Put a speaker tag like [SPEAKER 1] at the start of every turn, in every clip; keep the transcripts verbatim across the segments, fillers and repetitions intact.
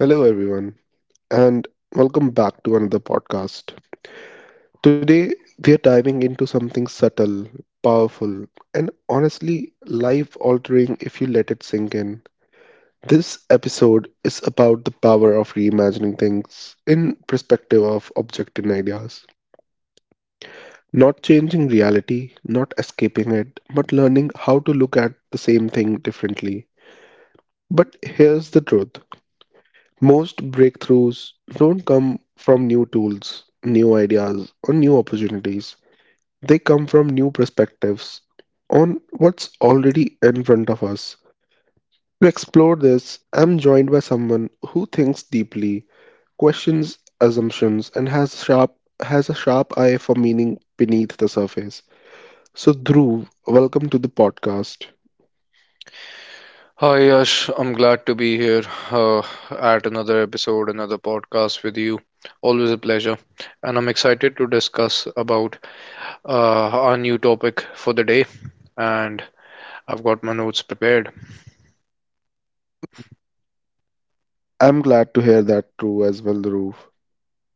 [SPEAKER 1] Hello, everyone, and welcome back to another podcast. Today, we are diving into something subtle, powerful, and honestly life altering if you let it sink in. This episode is about the power of reimagining things in perspective of object and ideas. Not changing reality, not escaping it, but learning how to look at the same thing differently. But here's the truth. Most breakthroughs don't come from new tools, new ideas, or new opportunities. They come from new perspectives on what's already in front of us. To explore this, I'm joined by someone who thinks deeply, questions assumptions, and has sharp has a sharp eye for meaning beneath the surface. So, Dhruv, welcome to the podcast.
[SPEAKER 2] Hi Yash, I'm glad to be here uh, at another episode, another podcast with you. Always a pleasure, and I'm excited to discuss about uh, our new topic for the day. And I've got my notes prepared.
[SPEAKER 1] I'm glad to hear that, True, as well, Dhruv.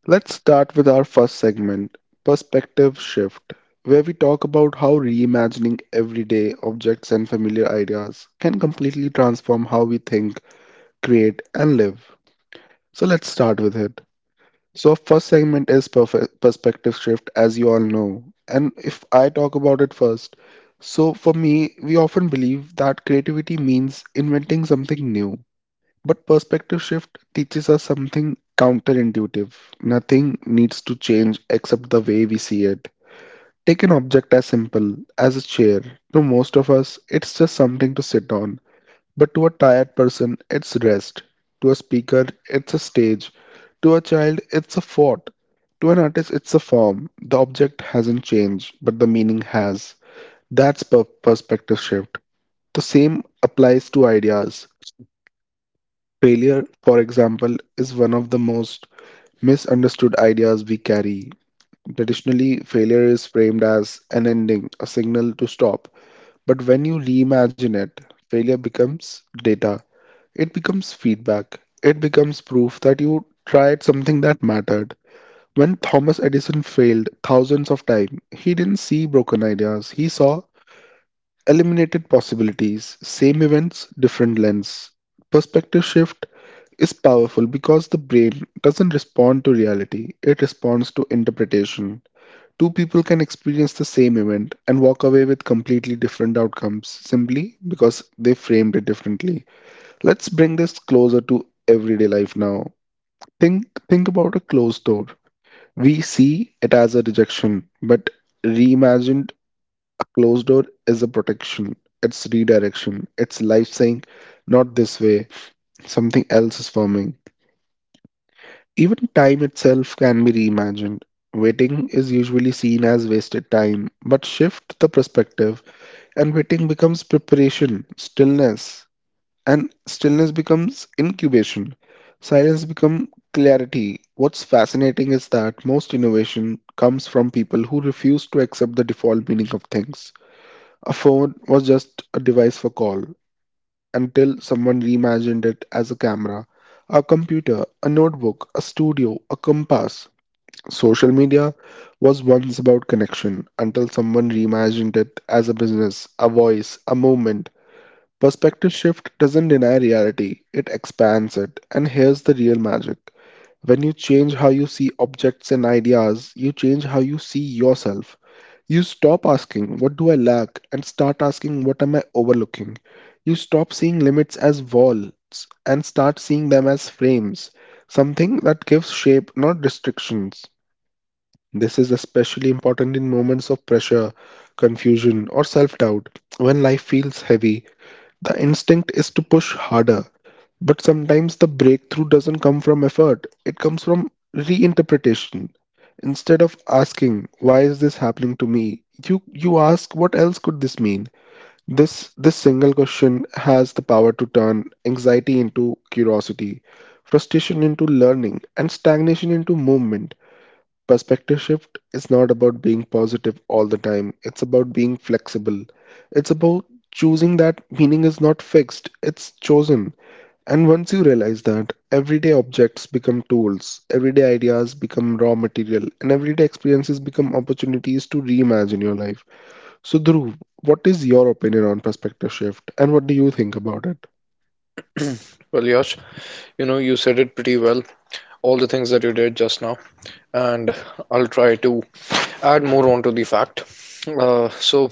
[SPEAKER 1] Let's start with our first segment, Perspective Shift, where we talk about how reimagining everyday objects and familiar ideas can completely transform how we think, create, and live. So let's start with it. So, our first segment is perf- Perspective Shift, as you all know. And if I talk about it first, so for me, we often believe that creativity means inventing something new. But perspective shift teaches us something counterintuitive. Nothing needs to change except the way we see it. Take an object as simple as a chair. To most of us, it's just something to sit on. But to a tired person, it's rest. To a speaker, it's a stage. To a child, it's a fort. To an artist, it's a form. The object hasn't changed, but the meaning has. That's per- perspective shift. The same applies to ideas. Failure, for example, is one of the most misunderstood ideas we carry. Traditionally, failure is framed as an ending, a signal to stop. But when you reimagine it, failure becomes data, it becomes feedback, it becomes proof that you tried something that mattered. When Thomas Edison failed thousands of times, he didn't see broken ideas, he saw eliminated possibilities, same events, different lens. Perspective shift is powerful because the brain doesn't respond to reality, it responds to interpretation. Two people can experience the same event and walk away with completely different outcomes simply because they framed it differently. Let's bring this closer to everyday life now. Think think about a closed door. We see it as a rejection, but reimagined, a closed door is a protection. It's redirection. It's life saying, not this way, something else is forming. Even time itself can be reimagined. Waiting is usually seen as wasted time, but shift the perspective and waiting becomes preparation, stillness, and stillness becomes incubation. Silence becomes clarity. What's fascinating is that most innovation comes from people who refuse to accept the default meaning of things. A phone was just a device for call until someone reimagined it as a camera, a computer, a notebook, a studio, a compass. Social media was once about connection until someone reimagined it as a business, a voice, a movement. Perspective shift doesn't deny reality, it expands it. And here's the real magic. When you change how you see objects and ideas, you change how you see yourself. You stop asking, "What do I lack?" and start asking, "What am I overlooking?" You stop seeing limits as walls and start seeing them as frames, something that gives shape, not restrictions. This is especially important in moments of pressure, confusion, or self doubt. When life feels heavy, the instinct is to push harder. But sometimes the breakthrough doesn't come from effort, it comes from reinterpretation. Instead of asking, why is this happening to me? You, you ask, what else could this mean? This, this single question has the power to turn anxiety into curiosity, frustration into learning, and stagnation into movement. Perspective shift is not about being positive all the time. It's about being flexible. It's about choosing that meaning is not fixed, it's chosen. And once you realize that, everyday objects become tools, everyday ideas become raw material, and everyday experiences become opportunities to reimagine your life. So, Dhruv, what is your opinion on perspective shift and what do you think about it?
[SPEAKER 2] Well, Yash, you know you said it pretty well, all the things that you did just now, and I'll try to add more onto the fact. Uh, so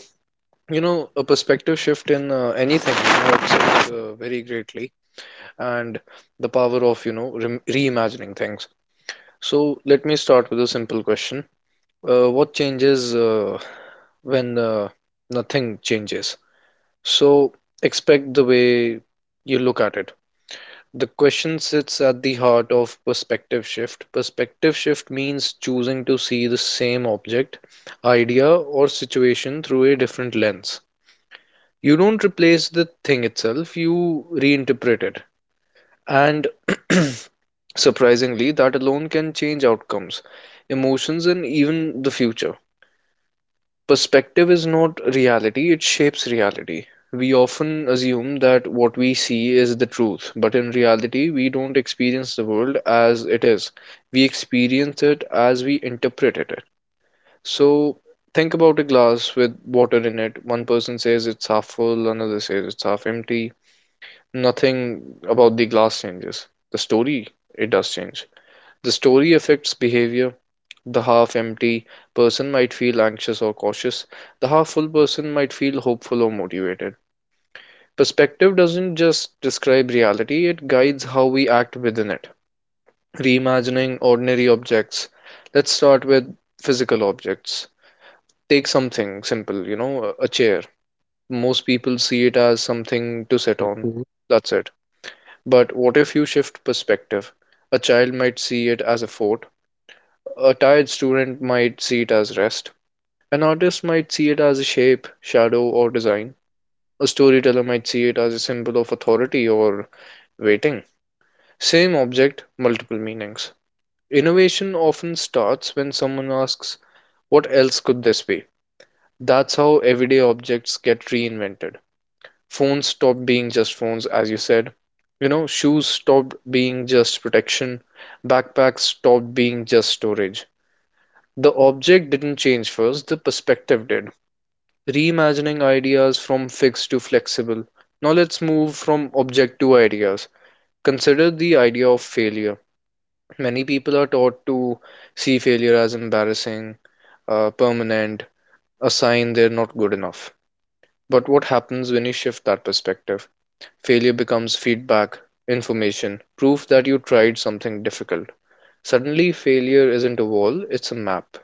[SPEAKER 2] you know a perspective shift in uh, anything helps us uh, very greatly, and the power of you know re- reimagining things. So let me start with a simple question. Uh, what changes uh, when uh, nothing changes? So expect the way you look at it. The question sits at the heart of perspective shift. Perspective shift means choosing to see the same object, idea, or situation through a different lens. You don't replace the thing itself, you reinterpret it. And surprisingly, that alone can change outcomes, emotions, and even the future. Perspective is not reality, it shapes reality. We often assume that what we see is the truth, but in reality, we don't experience the world as it is. We experience it as we interpret it. So, think about a glass with water in it. One person says it's half full, another says it's half empty. Nothing about the glass changes. The story, it does change. The story affects behavior. The half empty person might feel anxious or cautious. The half full person might feel hopeful or motivated. Perspective doesn't just describe reality, it guides how we act within it. Reimagining ordinary objects. Let's start with physical objects. Take something simple, you know, a chair. Most people see it as something to sit on.
[SPEAKER 1] Mhm,
[SPEAKER 2] That's it. But what if you shift perspective? A child might see it as a fort, a tired student might see it as rest, an artist might see it as a shape, shadow, or design, a storyteller might see it as a symbol of authority or waiting. Same object, multiple meanings. Innovation often starts when someone asks, what else could this be? That's how everyday objects get reinvented. Phones stopped being just phones, as you said. You know, shoes stopped being just protection. Backpacks stopped being just storage. The object didn't change first, the perspective did. Reimagining ideas from fixed to flexible. Now let's move from object to ideas. Consider the idea of failure. Many people are taught to see failure as embarrassing, uh, permanent, a sign they're not good enough. But what happens when you shift that perspective? Failure becomes feedback, information, proof that you tried something difficult. Suddenly, failure isn't a wall, it's a map.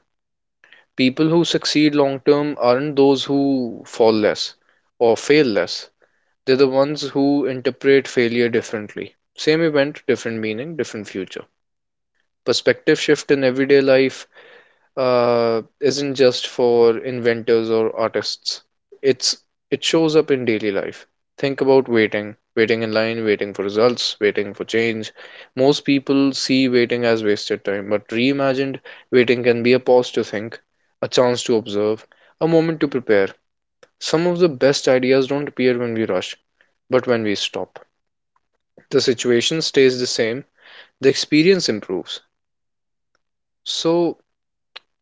[SPEAKER 2] People who succeed long term aren't those who fall less or fail less. They're the ones who interpret failure differently. Same event, different meaning, different future. Perspective shift in everyday life uh, isn't just for inventors or artists. It's it shows up in daily life. Think about waiting, waiting in line, waiting for results, waiting for change. Most people see waiting as wasted time, but reimagined, waiting can be a pause to think, a chance to observe, a moment to prepare. Some of the best ideas don't appear when we rush, but when we stop. The situation stays the same, the experience improves. So,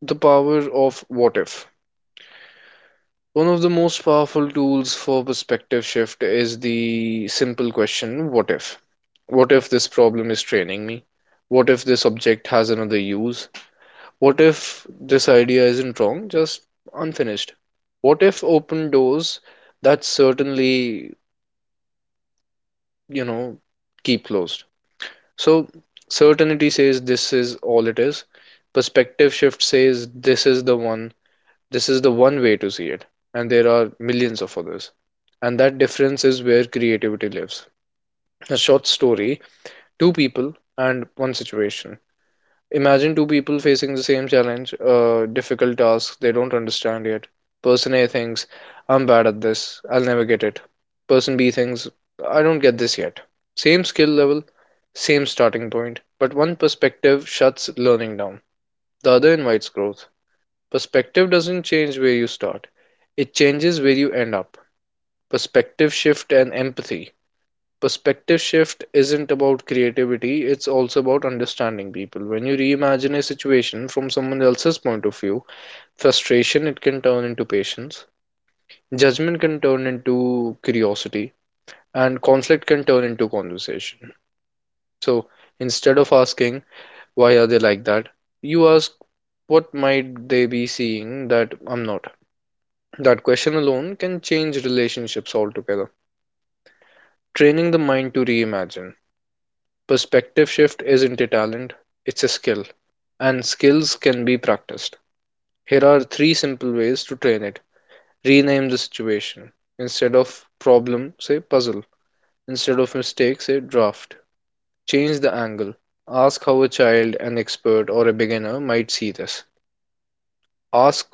[SPEAKER 2] the power of what if. One of the most powerful tools for perspective shift is the simple question what if? What if this problem is training me? What if this object has another use? What if this idea isn't wrong, just unfinished? What if open doors that certainly, you know, keep closed? So, certainty says this is all it is. Perspective shift says this is the one. This is the one way to see it, and there are millions of others. And that difference is where creativity lives. A short story, two people, and one situation. Imagine two people facing the same challenge, a difficult task they don't understand yet. Person A thinks, I'm bad at this, I'll never get it. Person B thinks, I don't get this yet. Same skill level, same starting point, but one perspective shuts learning down, the other invites growth. Perspective doesn't change where you start, it changes where you end up. Perspective shift and empathy. Perspective shift isn't about creativity, it's also about understanding people. When you reimagine a situation from someone else's point of view, frustration it can turn into patience, judgment can turn into curiosity, and conflict can turn into conversation. So instead of asking, why are they like that? You ask, what might they be seeing that I'm not? That question alone can change relationships altogether. Training the mind to reimagine. Perspective shift isn't a talent, it's a skill. And skills can be practiced. Here are three simple ways to train it. Rename the situation. Instead of problem, say puzzle. Instead of mistake, say draft. Change the angle. Ask how a child, an expert, or a beginner might see this. Ask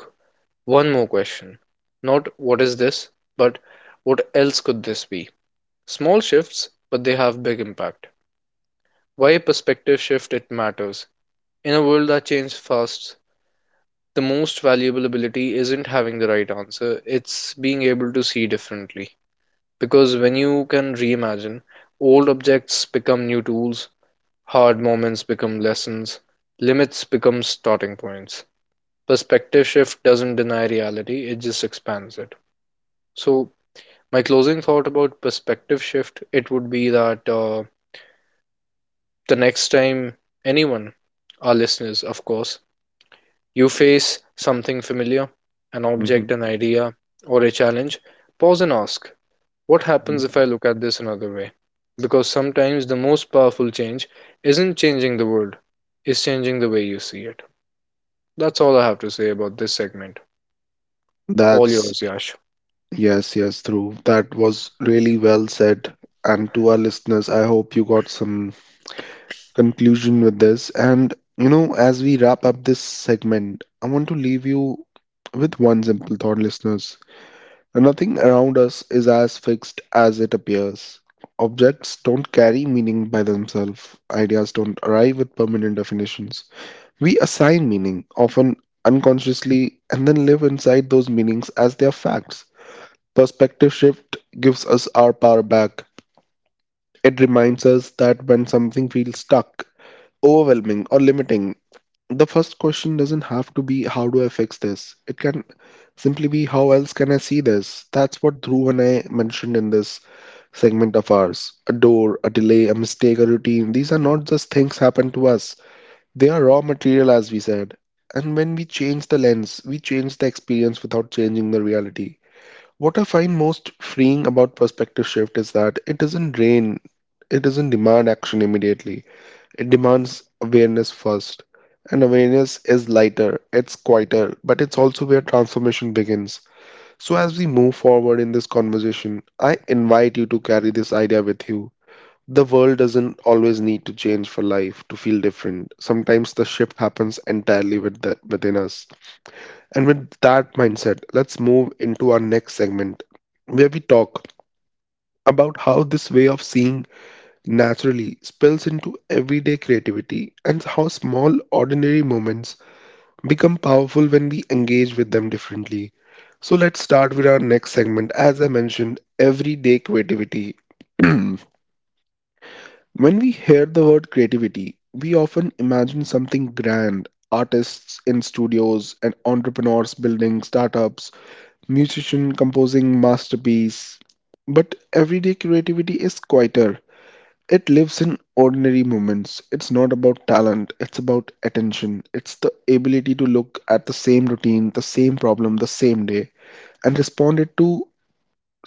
[SPEAKER 2] one more question. Not what is this, but what else could this be? Small shifts, but they have big impact. Why a perspective shift it matters. In a world that changes fast, the most valuable ability isn't having the right answer, it's being able to see differently. Because when you can reimagine, old objects become new tools, hard moments become lessons, limits become starting points. Perspective shift doesn't deny reality, it just expands it. So, my closing thought about perspective shift, it would be that uh, the next time anyone, our listeners, of course, you face something familiar, an
[SPEAKER 1] mhm,
[SPEAKER 2] object, an idea, or a challenge, pause and ask, what happens if I
[SPEAKER 1] mhm.
[SPEAKER 2] look at this another way? Because sometimes the most powerful change isn't changing the world, it's changing the way you see it. That's all I have to say about this segment. All
[SPEAKER 1] That's
[SPEAKER 2] yours, Yash.
[SPEAKER 1] yes, yes, Dhruv. That was really well said. And to our listeners, I hope you got some conclusion with this. And, you know, as we wrap up this segment, I want to leave you with one simple thought, listeners. Nothing around us is as fixed as it appears. Objects don't carry meaning by themselves. Ideas don't arrive with permanent definitions. We assign meaning, often unconsciously, and then live inside those meanings as their facts. Perspective shift gives us our power back. It reminds us that when something feels stuck, overwhelming, or limiting, the first question doesn't have to be how do I fix this? It can simply be how else can I see this? That's what Dhruv and I mentioned in this segment of ours. A door, a delay, a mistake, a routine, these are not just things happen to us. They are raw material as we said. And when we change the lens, we change the experience without changing the reality. What I find most freeing about perspective shift is that it doesn't drain, it doesn't demand action immediately. It demands awareness first. And awareness is lighter, it's quieter, but it's also where transformation begins. So, as we move forward in this conversation, I invite you to carry this idea with you. The world doesn't always need to change for life to feel different. Sometimes the shift happens entirely with the, within us. And with that mindset, let's move into our next segment where we talk about how this way of seeing naturally spills into everyday creativity and how small, ordinary moments become powerful when we engage with them differently. So, let's start with our next segment. As I mentioned, everyday creativity. When we hear the word creativity, we often imagine something grand artists in studios and entrepreneurs building startups musician composing masterpiece. But everyday creativity is quieter. It lives in ordinary moments. It's not about talent, it's about attention. It's the ability to look at the same routine, the same problem, the same day, and respond it to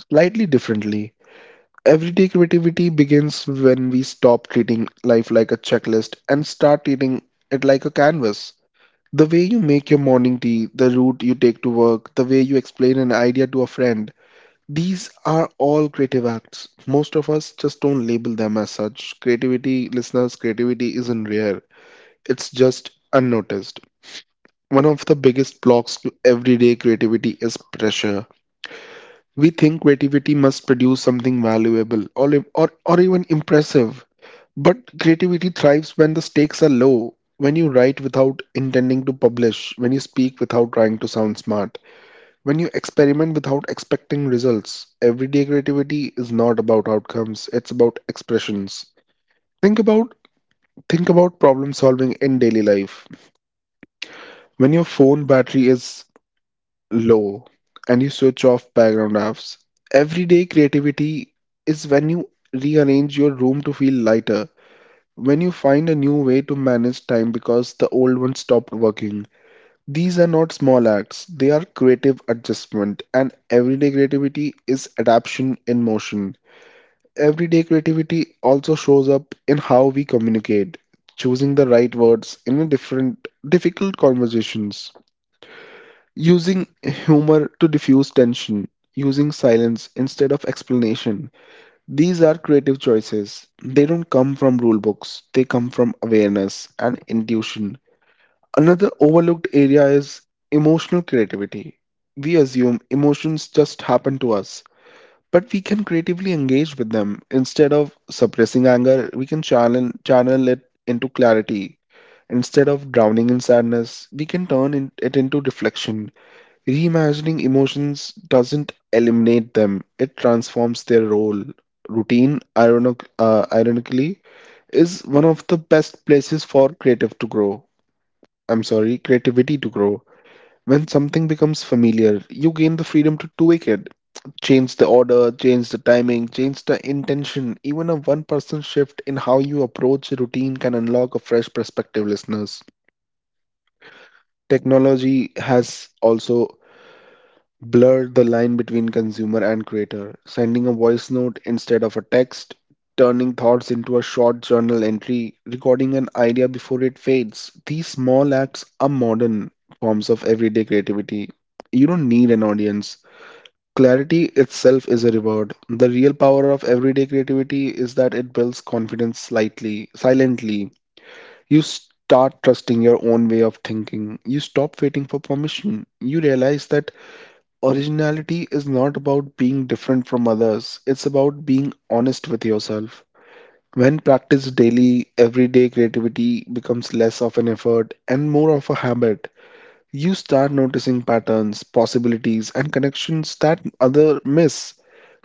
[SPEAKER 1] slightly differently. Everyday creativity begins when we stop treating life like a checklist and start treating it like a canvas. The way you make your morning tea, the route you take to work, the way you explain an idea to a friend, these are all creative acts. Most of us just don't label them as such. Creativity, listeners, creativity isn't rare, it's just unnoticed. One of the biggest blocks to everyday creativity is pressure. We think creativity must produce something valuable or, or, or even impressive. But creativity thrives when the stakes are low, when you write without intending to publish, when you speak without trying to sound smart, when you experiment without expecting results, everyday creativity is not about outcomes, it's about expressions. Think about think about problem solving in daily life. When your phone battery is low and you switch off background apps, everyday creativity is when you rearrange your room to feel lighter, when you find a new way to manage time because the old one stopped working. These are not small acts, they are creative adjustment, and everyday creativity is adaptation in motion. Everyday creativity also shows up in how we communicate, choosing the right words in a different, difficult conversations, using humor to diffuse tension, using silence instead of explanation. These are creative choices. They don't come from rule books, they come from awareness and intuition. Another overlooked area is emotional creativity. We assume emotions just happen to us, but we can creatively engage with them. Instead of suppressing anger, we can channel, channel it into clarity. Instead of drowning in sadness, we can turn in- it into reflection. Reimagining emotions doesn't eliminate them, it transforms their role. Routine, ironic, uh, ironically, is one of the best places for creative to grow. I'm sorry, creativity to grow. When something becomes familiar, you gain the freedom to tweak it. Change the order, change the timing, change the intention. Even a one person shift in how you approach a routine can unlock a fresh perspective, listeners. Technology has also blur the line between consumer and creator, sending a voice note instead of a text, turning thoughts into a short journal entry, recording an idea before it fades. These small acts are modern forms of everyday creativity. You don't need an audience. Clarity itself is a reward. The real power of everyday creativity is that it builds confidence slightly, silently. You start trusting your own way of thinking. You stop waiting for permission. You realize that originality is not about being different from others, it's about being honest with yourself. When practiced daily, everyday creativity becomes less of an effort and more of a habit. You start noticing patterns, possibilities, and connections that other miss.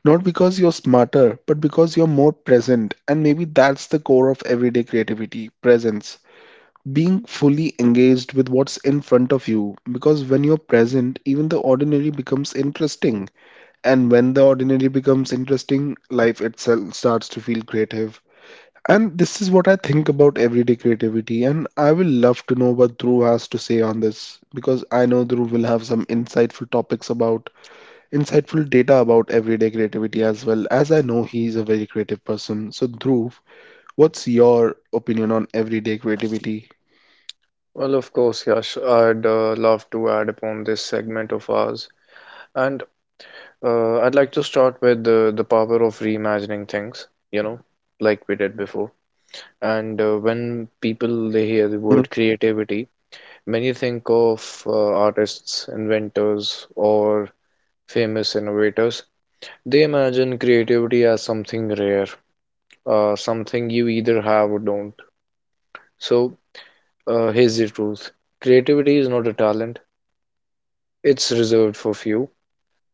[SPEAKER 1] Not because you're smarter, but because you're more present. And maybe that's the core of everyday creativity presence. Being fully engaged with what's in front of you. Because when you're present, even the ordinary becomes interesting. And when the ordinary becomes interesting, life itself starts to feel creative. And this is what I think about everyday creativity. And I will love to know what Dhruv has to say on this because I know Dhruv will have some insightful topics about, insightful data about everyday creativity as well, as I know he is a very creative person. So, Dhruv, what's your opinion on everyday creativity?
[SPEAKER 2] Well, of course, Yash, I'd uh, love to add upon this segment of ours. And Uh, I'd like to start with the, the power of reimagining things, you know, like we did before. And uh, when people they hear the word creativity, many think of uh, artists, inventors, or famous innovators. They imagine creativity as something rare, uh, something you either have or don't. So uh, here's the truth: creativity is not a talent; it's reserved for few.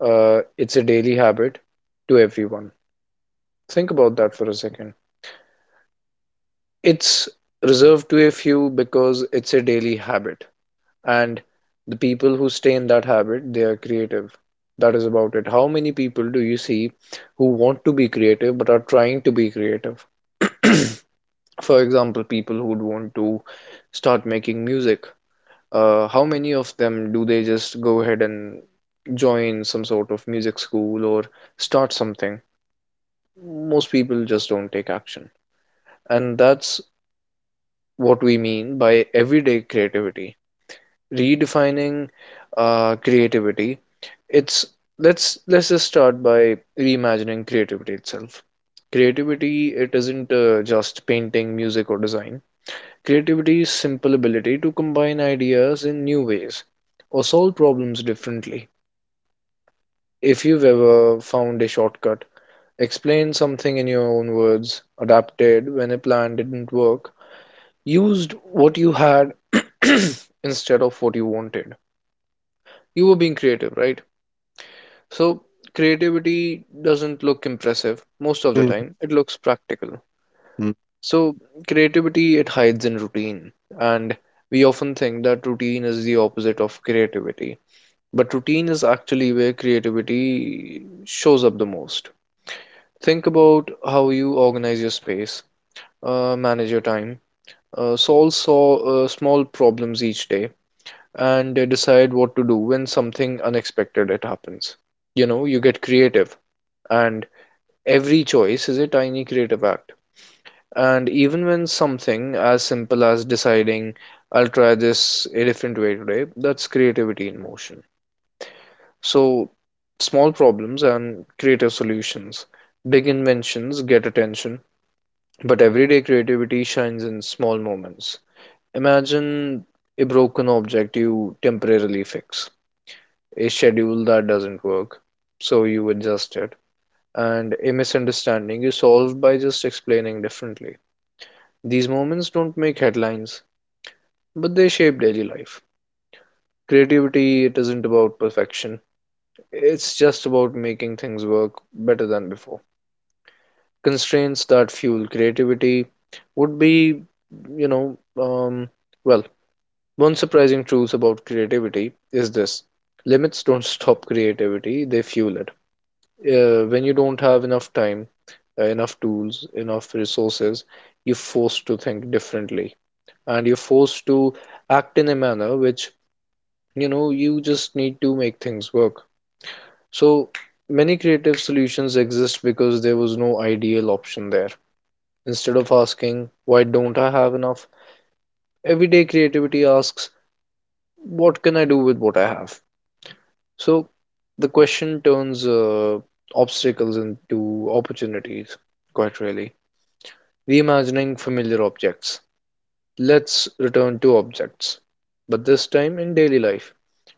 [SPEAKER 2] Uh, it's a daily habit to everyone. Think about that for a second. It's reserved to a few because it's a daily habit, and the people who stay in that habit, they are creative. That is about it. How many people do you see who want to be creative but are trying to be creative? For example, people who would want to start making music. Uh, how many of them do they just go ahead and join some sort of music school or start something? Most people just don't take action. And that's what we mean by everyday creativity redefining uh, creativity. It's let's let's just start by reimagining creativity itself. Creativity it isn't uh, just painting music or design. Creativity is simple ability to combine ideas in new ways or solve problems differently. If you've ever found a shortcut, explain something in your own words, adapted when a plan didn't work, used what you had instead of what you wanted. You were being creative, right? So, creativity doesn't look impressive most of the time, it looks practical.
[SPEAKER 1] Mhm.
[SPEAKER 2] So, creativity it hides in routine, and we often think that routine is the opposite of creativity, but routine is actually where creativity shows up the most. Think about how you organize your space, uh, manage your time, uh, solve so, uh, small problems each day and uh, decide what to do when something unexpected it happens. You know, you get creative, and every choice is a tiny creative act. And even when something as simple as deciding, I'll try this a different way today, that's creativity in motion. So, small problems and creative solutions. Big inventions get attention, but everyday creativity shines in small moments. Imagine a broken object you temporarily fix, a schedule that doesn't work. So you adjust it. And a misunderstanding you solve by just explaining differently. These moments don't make headlines, but they shape daily life. Creativity, it isn't about perfection, it's just about making things work better than before. Constraints that fuel creativity would be, you know, um, well, one surprising truth about creativity is this: limits don't stop creativity, they fuel it. Uh, when you don't have enough time, uh, enough tools, enough resources, you're forced to think differently, and you're forced to act in a manner which, you know, you just need to make things work. So many creative solutions exist because there was no ideal option there. Instead of asking, why don't I have enough? Everyday creativity asks, what can I do with what I have? So the question turns uh, obstacles into opportunities, quite really. Reimagining familiar objects. Let's return to objects, but this time in daily life.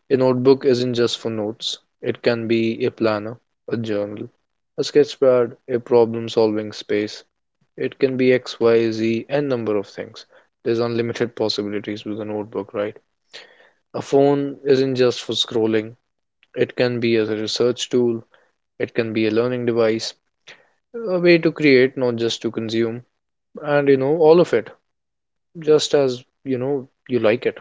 [SPEAKER 2] A notebook isn't just for notes, it can be a planner, a journal, a sketchpad, a problem solving space. It can be X, Y, Z, and number of things. There's unlimited possibilities with a notebook, right? A phone isn't just for scrolling, it can be as a research tool, it can be a learning device, a way to create, not just to consume, and you know, all of it. Just as you know you like it.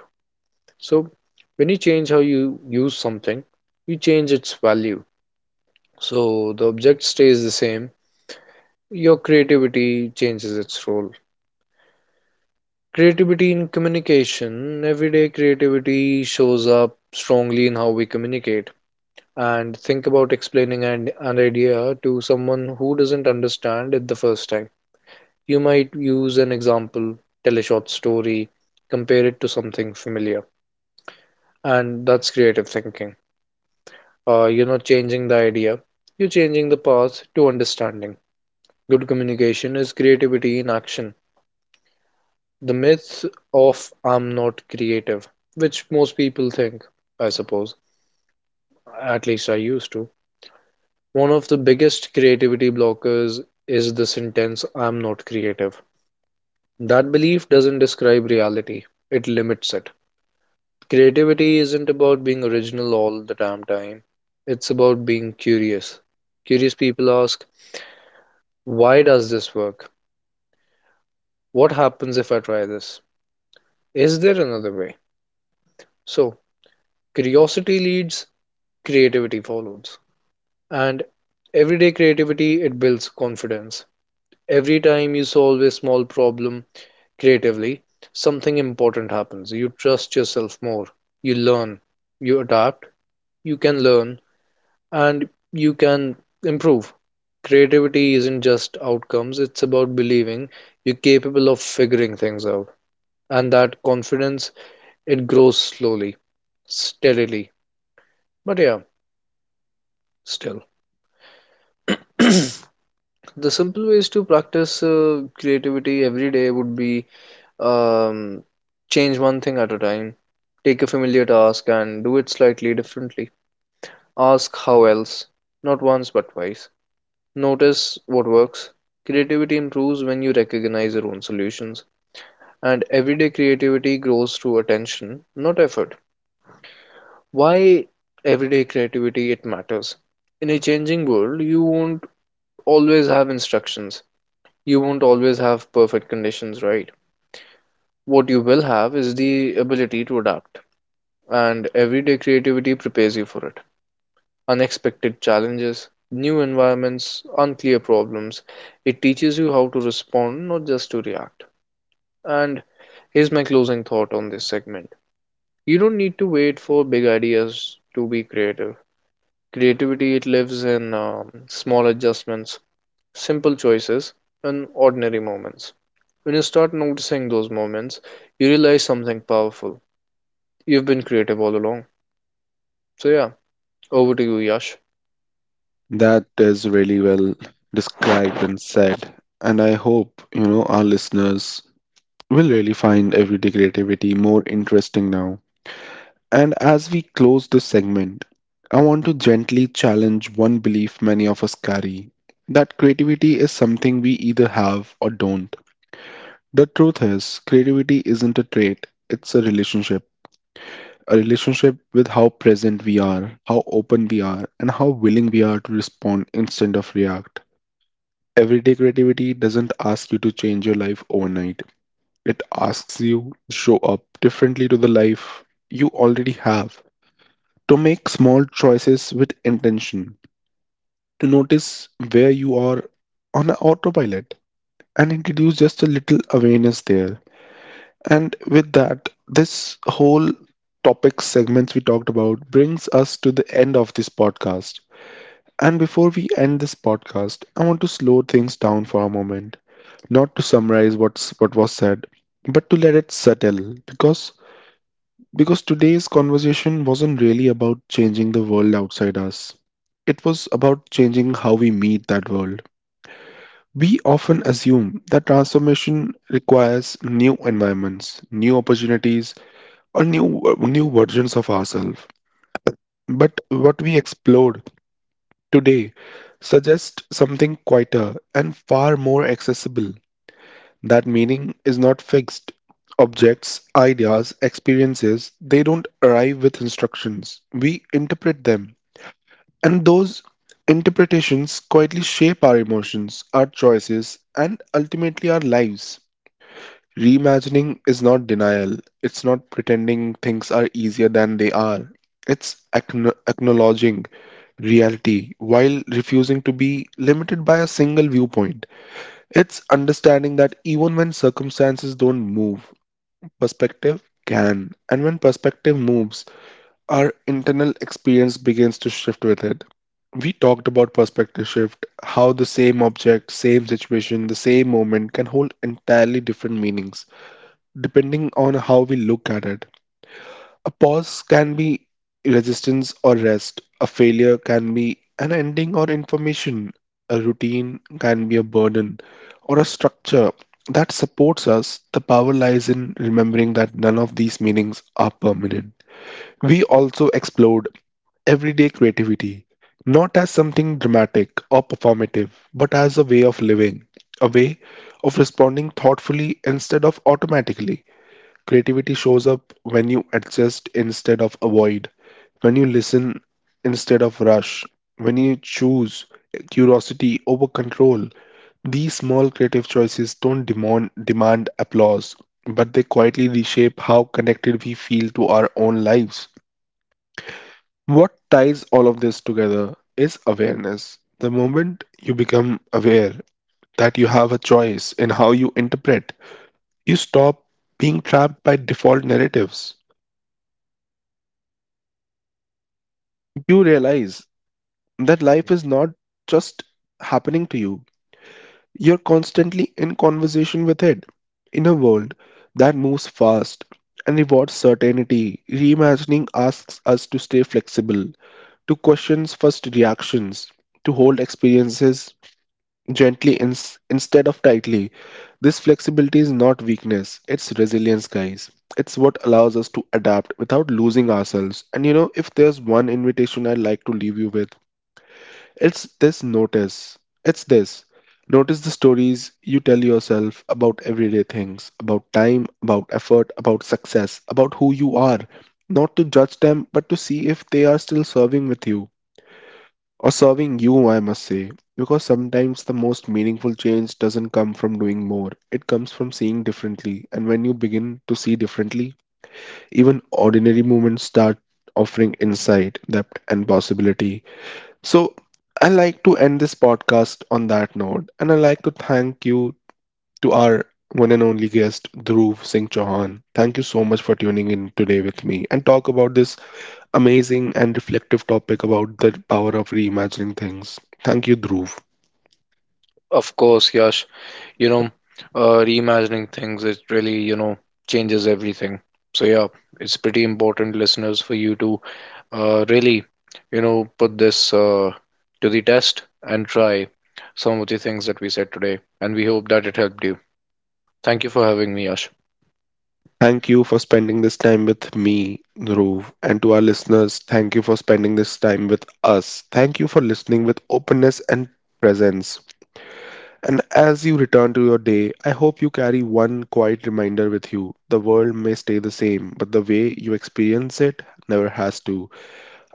[SPEAKER 2] So when you change how you use something, you change its value. So the object stays the same, your creativity changes its role. Creativity in communication: everyday creativity shows up strongly in how we communicate. And think about explaining an, an idea to someone who doesn't understand it the first time. You might use an example, tell a short story, compare it to something familiar, and that's creative thinking, uh, you know, changing the idea. You're changing the path to understanding. Good communication is creativity in action. The myth of "I'm not creative," which most people think, I suppose, at least I used to. One of the biggest creativity blockers is the sentence "I'm not creative." That belief doesn't describe reality, it limits it. Creativity isn't about being original all the damn time, it's about being curious. Curious people ask, why does this work? What happens if I try this? Is there another way? So, curiosity leads, creativity follows. And everyday creativity, it builds confidence. Every time you solve a small problem creatively, something important happens. You trust yourself more. You learn. You adapt. You can learn and you can improve. Creativity isn't just outcomes, it's about believing you're capable of figuring things out. And that confidence, it grows slowly, steadily. But yeah, still, the simple ways to practice uh, creativity every day would be: um, change one thing at a time, take a familiar task and do it slightly differently. Ask how else, not once but twice. Notice what works. Creativity improves when you recognize your own solutions, and everyday creativity grows through attention, not effort. Why everyday creativity? It matters. In a changing world, you won't always have instructions, you won't always have perfect conditions, right? What you will have is the ability to adapt, and everyday creativity prepares you for it. Unexpected challenges, new environments, unclear problems, it teaches you how to respond, not just to react. And here's my closing thought on this segment. You don't need to wait for big ideas to be creative. Creativity, it lives in um, small adjustments, simple choices, and ordinary moments. When you start noticing those moments, you realize something powerful. You've been creative all along. So, yeah, over to you, Yash.
[SPEAKER 1] That is really well described and said. And I hope, you know, our listeners will really find everyday creativity more interesting now. And as we close this segment, I want to gently challenge one belief many of us carry that creativity is something we either have or don't. The truth is, creativity isn't a trait, it's a relationship. A relationship with how present we are, how open we are, and how willing we are to respond instead of react. Everyday creativity doesn't ask you to change your life overnight. It asks you to show up differently to the life you already have, to make small choices with intention, to notice where you are on a autopilot, and introduce just a little awareness there. And with that, this whole topic segments we talked about brings us to the end of this podcast. And before we end this podcast, I want to slow things down for a moment, not to summarize what's what was said, but to let it settle because Because today's conversation wasn't really about changing the world outside us, it was about changing how we meet that world. We often assume that transformation requires new environments, new opportunities, or new new versions of ourselves. But what we explored today suggests something quieter and far more accessible. That meaning is not fixed. Objects, ideas, experiences, they don't arrive with instructions. We interpret them. And those interpretations quietly shape our emotions, our choices, and ultimately our lives. Reimagining is not denial, it's not pretending things are easier than they are. It's acknow- acknowledging reality while refusing to be limited by a single viewpoint. It's understanding that even when circumstances don't move, perspective can, and when perspective moves, our internal experience begins to shift with it. We talked about perspective shift, how the same object, same situation, the same moment can hold entirely different meanings depending on how we look at it. A pause can be resistance or rest. A failure can be an ending or information. A routine can be a burden or a structure that supports us. The power lies in remembering that none of these meanings are permanent. We also explored everyday creativity, not as something dramatic or performative, but as a way of living, a way of responding thoughtfully instead of automatically. Creativity shows up when you adjust instead of avoid, when you listen instead of rush, when you choose curiosity over control. These small creative choices don't demand, demand applause, but they quietly reshape how connected we feel to our own lives. What ties all of this together is awareness. The moment you become aware that you have a choice in how you interpret, you stop being trapped by default narratives. You realize that life is not just happening to you, you're constantly in conversation with it. In a world that moves fast and rewards certainty, reimagining asks us to stay flexible, to question first reactions, to hold experiences gently ins instead of tightly. This flexibility is not weakness, it's resilience, guys. It's what allows us to adapt without losing ourselves. And you know, if there's one invitation I'd like to leave you with, it's this notice. It's this. Notice the stories you tell yourself about everyday things, about time, about effort, about success, about who you are. Not to judge them, but to see if they are still serving with you. Or serving you, I must say. Because sometimes the most meaningful change doesn't come from doing more, it comes from seeing differently. And when you begin to see differently, even ordinary moments start offering insight, depth, and possibility. So, I like to end this podcast on that note, and I like to thank you to our one and only guest, Dhruv Singh Chauhan. Thank you so much for tuning in today with me and talk about this amazing and reflective topic about the power of reimagining things. Thank you, Dhruv.
[SPEAKER 2] Of course, Yash, you know, uh, reimagining things, it really, you know, changes everything. So, yeah, it's pretty important, listeners, for you to uh, really, you know, put this uh, to the test and try some of the things that we said today. And we hope that it helped you. Thank you for having me, Yash.
[SPEAKER 1] Thank you for spending this time with me, Dhruv. And to our listeners, thank you for spending this time with us. Thank you for listening with openness and presence. And as you return to your day, I hope you carry one quiet reminder with you. The world may stay the same, but the way you experience it never has to.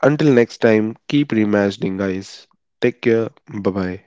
[SPEAKER 1] Until next time, keep reimagining, guys. Take care. Bye bye.